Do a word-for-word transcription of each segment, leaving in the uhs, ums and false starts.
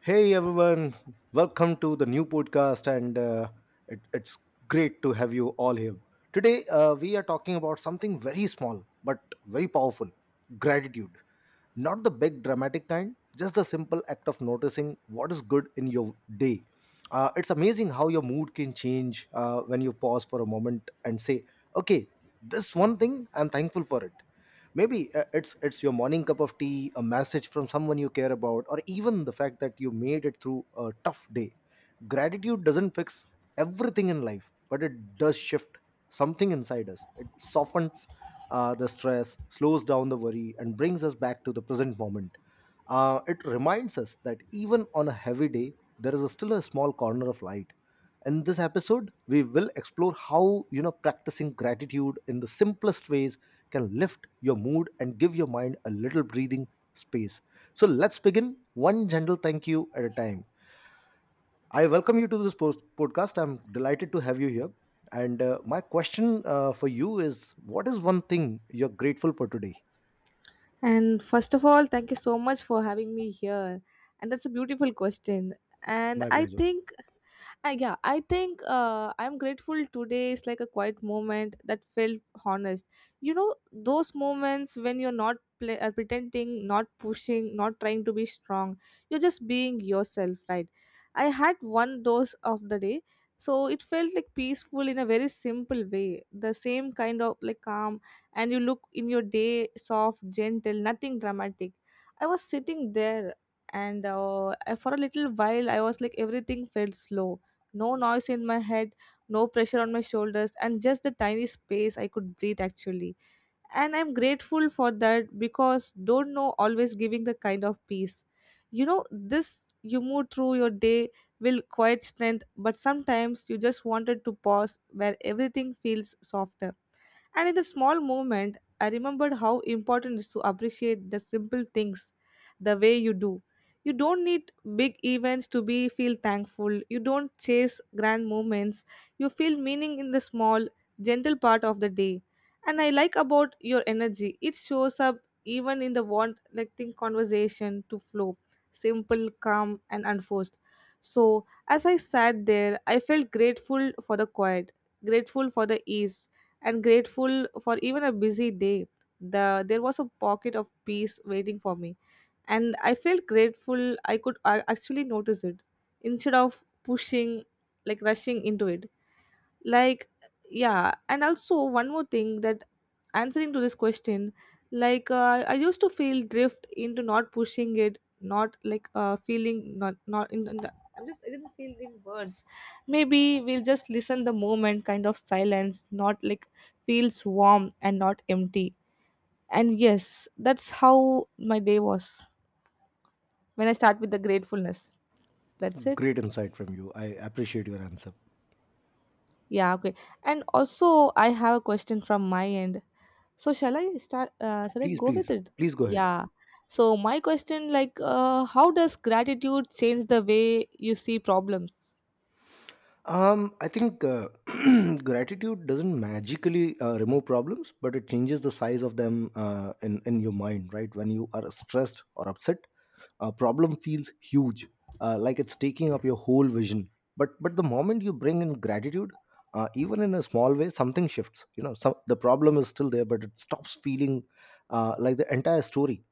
Hey everyone, welcome to the new podcast, and uh, it, it's great to have you all here. Today, uh, we are talking about something very small but very powerful gratitude. Not the big dramatic kind, just the simple act of noticing what is good in your day. Uh, it's amazing how your mood can change uh, when you pause for a moment and say, okay, this one thing, I'm thankful for it. Maybe uh, it's it's your morning cup of tea, a message from someone you care about, or even the fact that you made it through a tough day. Gratitude doesn't fix everything in life, but it does shift something inside us. It softens uh, the stress, slows down the worry, and brings us back to the present moment. Uh, it reminds us that even on a heavy day, there is a still a small corner of light. In this episode, we will explore how you know practicing gratitude in the simplest ways can lift your mood and give your mind a little breathing space. So let's begin, one gentle thank you at a time. I welcome you to this post- podcast. I'm delighted to have you here. And uh, my question uh, for you is, what is one thing you're grateful for today? And first of all, thank you so much for having me here. And that's a beautiful question. And My I pleasure. think I, yeah, I think uh, I'm grateful today is like a quiet moment that felt honest. You know, those moments when you're not play, uh, pretending, not pushing, not trying to be strong. You're just being yourself, right? I had one dose of the day, so it felt like peaceful in a very simple way. The same kind of like calm, and you look in your day soft, gentle, nothing dramatic. I was sitting there, and uh, for a little while, I was like everything felt slow, no noise in my head, no pressure on my shoulders, and just the tiny space I could breathe actually. And I'm grateful for that because don't know always giving the kind of peace. You know, this you move through your day will quiet strength, but sometimes you just wanted to pause where everything feels softer. And in the small moment, I remembered how important it is to appreciate the simple things the way you do. You don't need big events to be feel thankful. You don't chase grand moments. You feel meaning in the small, gentle part of the day. And I like about your energy. It shows up even in the want like conversation to flow. Simple, calm and unforced. So as I sat there, I felt grateful for the quiet, grateful for the ease, and grateful for even a busy day. The, there was a pocket of peace waiting for me, and I felt grateful I could uh, actually notice it instead of pushing, like rushing into it like yeah, and also one more thing that answering to this question like uh, I used to feel drift into not pushing it, not like uh, feeling not not in, in the, I'm just I didn't feel in words, maybe we'll just listen the moment kind of silence not like feels warm and not empty, and yes that's how my day was when I start with the gratefulness. That's it. Great insight from you. I appreciate your answer. Yeah, okay. And also, I have a question from my end. So, shall I start? Uh, shall I Please, go with please, it? please go ahead. Yeah. So, my question, like, uh, how does gratitude change the way you see problems? Um, I think uh, gratitude doesn't magically uh, remove problems, but it changes the size of them uh, in in your mind. Right, when you are stressed or upset, a problem feels huge, uh, like it's taking up your whole vision, but but the moment you bring in gratitude, uh, even in a small way, something shifts, you know. Some the problem is still there, but it stops feeling uh, like the entire story.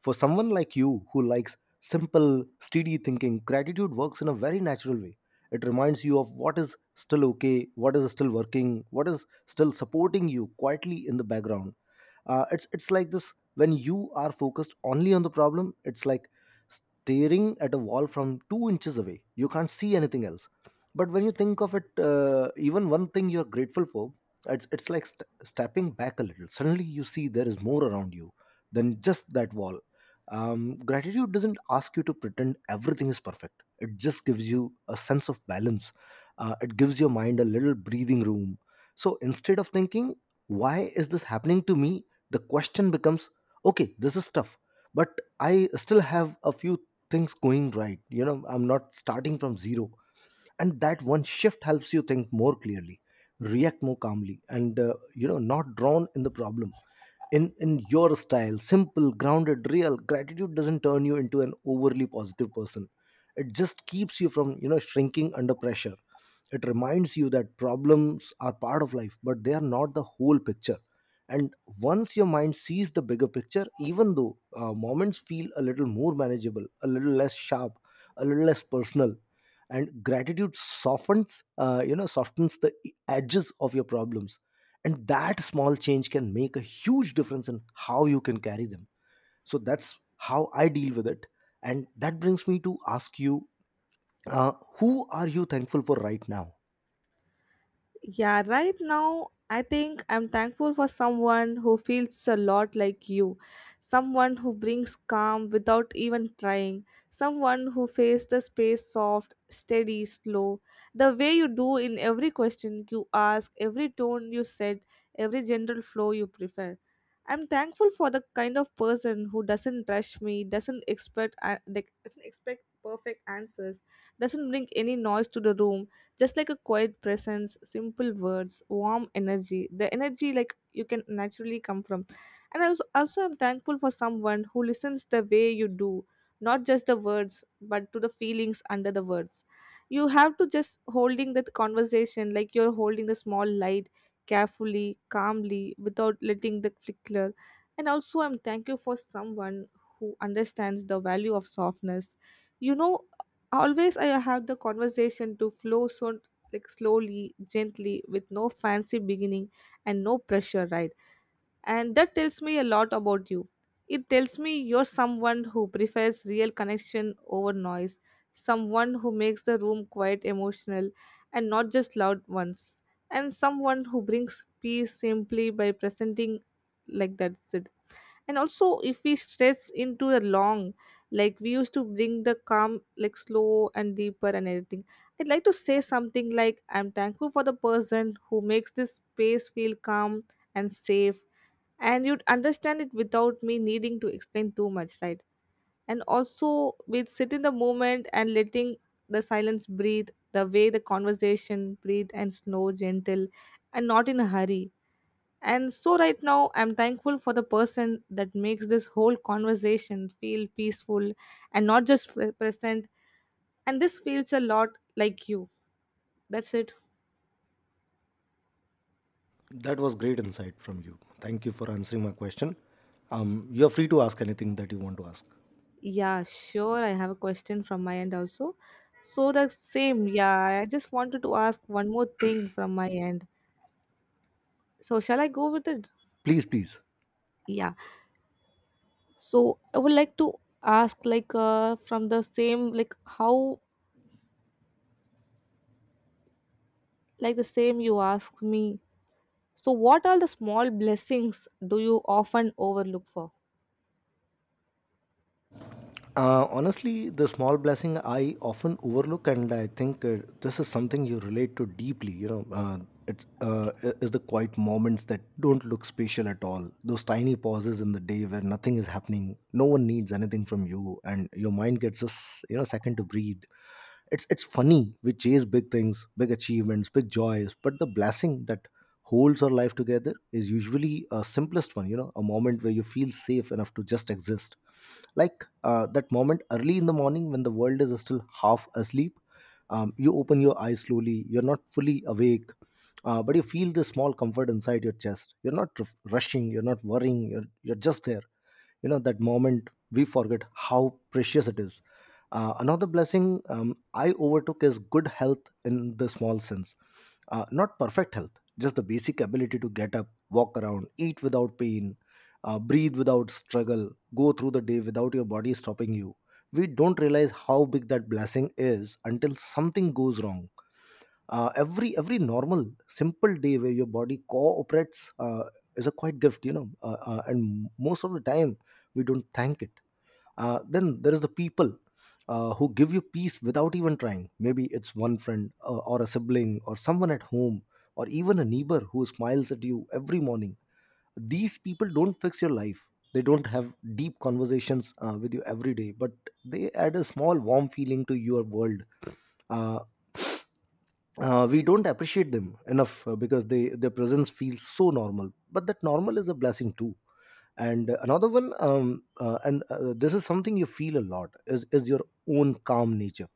For someone like you who likes simple steady thinking, gratitude works in a very natural way. It reminds you of what is still okay, what is still working, what is still supporting you quietly in the background. Uh, it's it's like this: when you are focused only on the problem, it's like staring at a wall from two inches away. You can't see anything else, but when you think of it, uh, even one thing you're grateful for, it's, it's like st- stepping back a little. Suddenly you see there is more around you than just that wall. Um, gratitude doesn't ask you to pretend everything is perfect. It just gives you a sense of balance. Uh, it gives your mind a little breathing room. So instead of thinking, why is this happening to me, the question becomes, okay, this is tough, but I still have a few things going right, you know. I'm not starting from zero, and that one shift helps you think more clearly, react more calmly, and uh, you know, not drown in the problem. In in your style, simple, grounded, real, gratitude doesn't turn you into an overly positive person. It just keeps you from, you know, shrinking under pressure. It reminds you that problems are part of life, but they are not the whole picture. And once your mind sees the bigger picture, even though uh, moments feel a little more manageable, a little less sharp, a little less personal, and gratitude softens, uh, you know, softens the e, edges of your problems. And that small change can make a huge difference in how you can carry them. So that's how I deal with it. And that brings me to ask you, uh, who are you thankful for right now? Yeah, right now, I think I'm thankful for someone who feels a lot like you. Someone who brings calm without even trying. Someone who faces the space soft, steady, slow. The way you do in every question you ask, every tone you said, every general flow you prefer. I'm thankful for the kind of person who doesn't rush me, doesn't expect, uh, like, doesn't expect perfect answers, doesn't bring any noise to the room, just like a quiet presence, simple words, warm energy, the energy like you can naturally come from. And also, also I'm thankful for someone who listens the way you do, not just the words but to the feelings under the words. You have to just holding that conversation like you're holding the small light, carefully, calmly, without letting the flicker. And also I'm thank you for someone who understands the value of softness, you know, always I have the conversation to flow, so like slowly, gently, with no fancy beginning and no pressure, right? And that tells me a lot about you. It tells me you're someone who prefers real connection over noise, someone who makes the room quite emotional and not just loud ones, and someone who brings peace simply by presenting like that. And also, if we stretch into the long, like we used to bring the calm like slow and deeper and everything, I'd like to say something like I'm thankful for the person who makes this space feel calm and safe, and you'd understand it without me needing to explain too much, right? And also we'd sit in the moment and letting the silence breathe the way the conversation breathe, and slow, gentle and not in a hurry. And so, right now, I'm thankful for the person that makes this whole conversation feel peaceful and not just f- present. And this feels a lot like you. That's it. That was great insight from you. Thank you for answering my question. Um, you're free to ask anything that you want to ask. Yeah, sure. I have a question from my end also. So, the same. Yeah, I just wanted to ask one more thing from my end. So, shall I go with it? Please, please. Yeah. So, I would like to ask, like, uh, from the same, like, how, like, the same you asked me. So, what are the small blessings do you often overlook for? Uh, honestly, the small blessing I often overlook, and I think uh, this is something you relate to deeply. You know, uh, it's uh, i- is the quiet moments that don't look special at all. Those tiny pauses in the day where nothing is happening, no one needs anything from you, and your mind gets just, you know, second to breathe. It's it's funny, we chase big things, big achievements, big joys, but the blessing that holds our life together is usually a simplest one. You know, a moment where you feel safe enough to just exist, like uh, that moment early in the morning when the world is still half asleep. Um, you open your eyes slowly, you're not fully awake, uh, but you feel this small comfort inside your chest. You're not r- rushing, you're not worrying, you're, you're just there. You know, that moment we forget how precious it is. Uh, another blessing um, I overtook is good health in the small sense. Uh, not perfect health, just the basic ability to get up, walk around, eat without pain, uh, breathe without struggle, go through the day without your body stopping you. We don't realize how big that blessing is until something goes wrong. Uh, every every normal simple day where your body cooperates uh, is a quite gift, you know. Uh, uh, and most of the time we don't thank it. Uh, then there is the people uh, who give you peace without even trying. Maybe it's one friend, uh, or a sibling, or someone at home, or even a neighbor who smiles at you every morning. These people don't fix your life, they don't have deep conversations uh, with you every day, but they add a small warm feeling to your world. Uh, uh, we don't appreciate them enough uh, because they their presence feels so normal, but that normal is a blessing too. And uh, another one, um, uh, and uh, this is something you feel a lot is, is your own calm nature.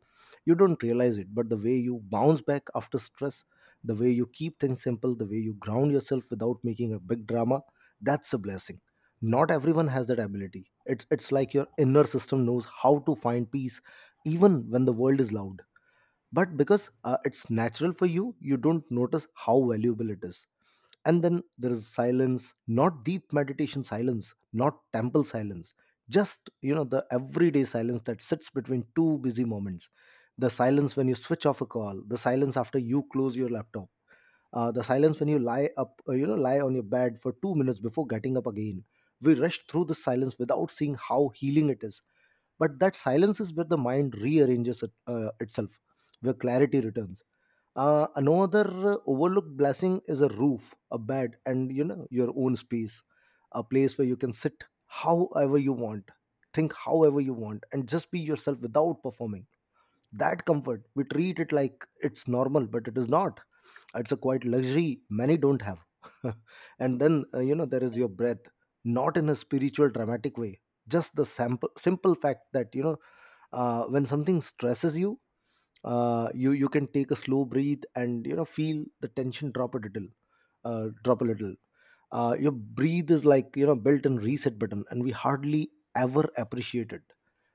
You don't realize it, but the way you bounce back after stress, the way you keep things simple, the way you ground yourself without making a big drama, that's a blessing. Not everyone has that ability. It's it's like your inner system knows how to find peace even when the world is loud, but because uh, it's natural for you, you don't notice how valuable it is. And then there is silence, not deep meditation silence, not temple silence, just, you know, the everyday silence that sits between two busy moments. The silence when you switch off a call, the silence after you close your laptop, uh, the silence when you lie up, uh, you know, lie on your bed for two minutes before getting up again. We rush through the silence without seeing how healing it is, but that silence is where the mind rearranges it, uh, itself, where clarity returns. Uh, another uh, overlooked blessing is a roof, a bed, and, you know, your own space. A place where you can sit however you want, think however you want, and just be yourself without performing. That comfort, we treat it like it's normal, but it is not. It's a quite luxury many don't have. And then uh, you know, there is your breath, not in a spiritual dramatic way, just the sample, simple fact that, you know, uh, when something stresses you, uh, you you can take a slow breathe and, you know, feel the tension drop a little uh, drop a little. Uh, your breathe is like, you know, built-in reset button, and we hardly ever appreciate it.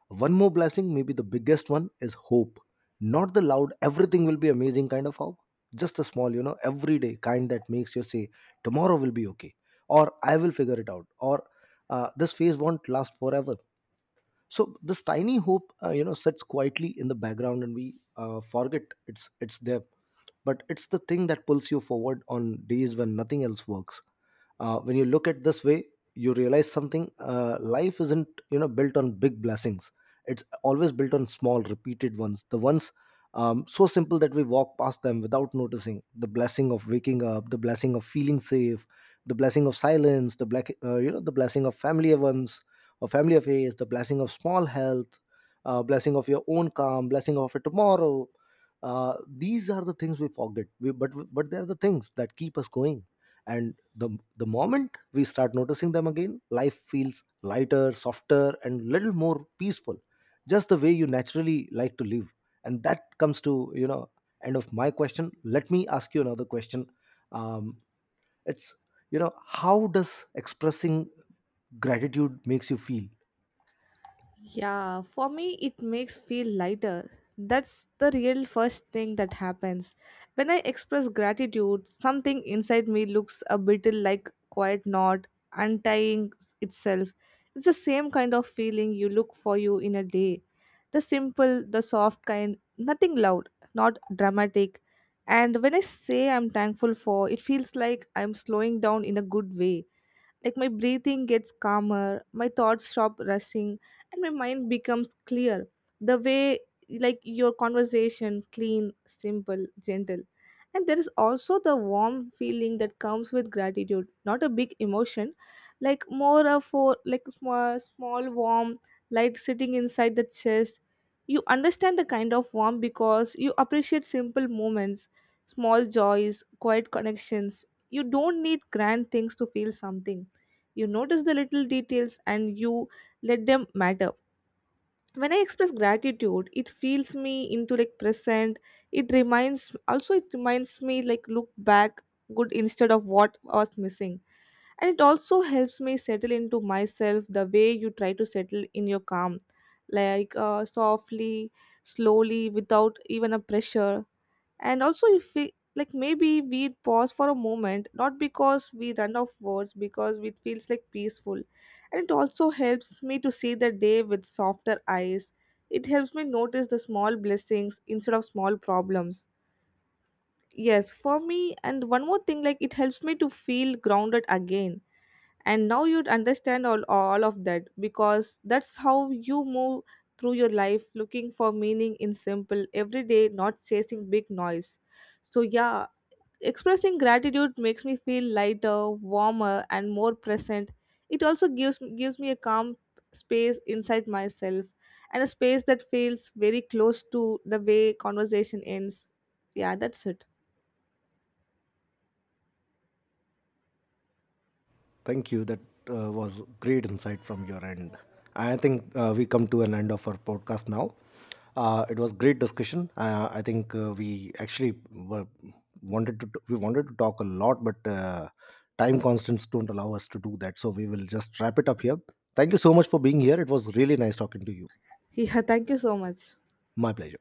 One more blessing, maybe the biggest one, is hope. Not the loud, everything will be amazing kind of hope. Just a small, you know, everyday kind that makes you say, tomorrow will be okay, or I will figure it out, or uh, this phase won't last forever. So this tiny hope, uh, you know, sits quietly in the background, and we uh, forget it's it's there. But it's the thing that pulls you forward on days when nothing else works. Uh, when you look at this way, you realize something. Uh, life isn't, you know, built on big blessings, it's always built on small repeated ones, the ones um, so simple that we walk past them without noticing. The blessing of waking up, the blessing of feeling safe, the blessing of silence, the black uh, you know, the blessing of family events or family affairs, the blessing of small health, uh, blessing of your own calm, blessing of a tomorrow. Uh, these are the things we forget we, but but they are the things that keep us going. And the the moment we start noticing them again, life feels lighter, softer, and little more peaceful, just the way you naturally like to live. And that comes to, you know, end of my question. Let me ask you another question. Um, it's You know, how does expressing gratitude makes you feel? Yeah, for me, it makes feel lighter. That's the real first thing that happens. When I express gratitude, something inside me looks a bit like quiet knot untying itself. It's the same kind of feeling you look for you in a day. The simple, the soft kind, nothing loud, not dramatic. And when I say I'm thankful for, it feels like I'm slowing down in a good way. Like my breathing gets calmer, my thoughts stop rushing, and my mind becomes clear. The way like your conversation clean, simple, gentle. And there is also the warm feeling that comes with gratitude, not a big emotion, like more of for like small, small warm light sitting inside the chest. You understand the kind of warm because you appreciate simple moments, small joys, quiet connections. You don't need grand things to feel something. You notice the little details and you let them matter. When I express gratitude, it feels me into like present. It reminds also it reminds me like look back good instead of what was missing. And it also helps me settle into myself the way you try to settle in your calm. Like uh, softly, slowly, without even a pressure. And also, if we like, maybe we pause for a moment, not because we run off words, because it feels like peaceful. And it also helps me to see the day with softer eyes. It helps me notice the small blessings instead of small problems. Yes, for me, and one more thing, like, it helps me to feel grounded again, and now you'd understand all, all of that because that's how you move through your life looking for meaning in simple everyday, not chasing big noise. So yeah, expressing gratitude makes me feel lighter, warmer and more present. It also gives gives me a calm space inside myself, and a space that feels very close to the way conversation ends. Yeah, that's it. Thank you. That uh, was great insight from your end. I think uh, we come to an end of our podcast now. Uh, it was great discussion. Uh, I think uh, we actually were, wanted to we wanted to talk a lot, but uh, time constants don't allow us to do that. So we will just wrap it up here. Thank you so much for being here. It was really nice talking to you. Yeah, thank you so much. My pleasure.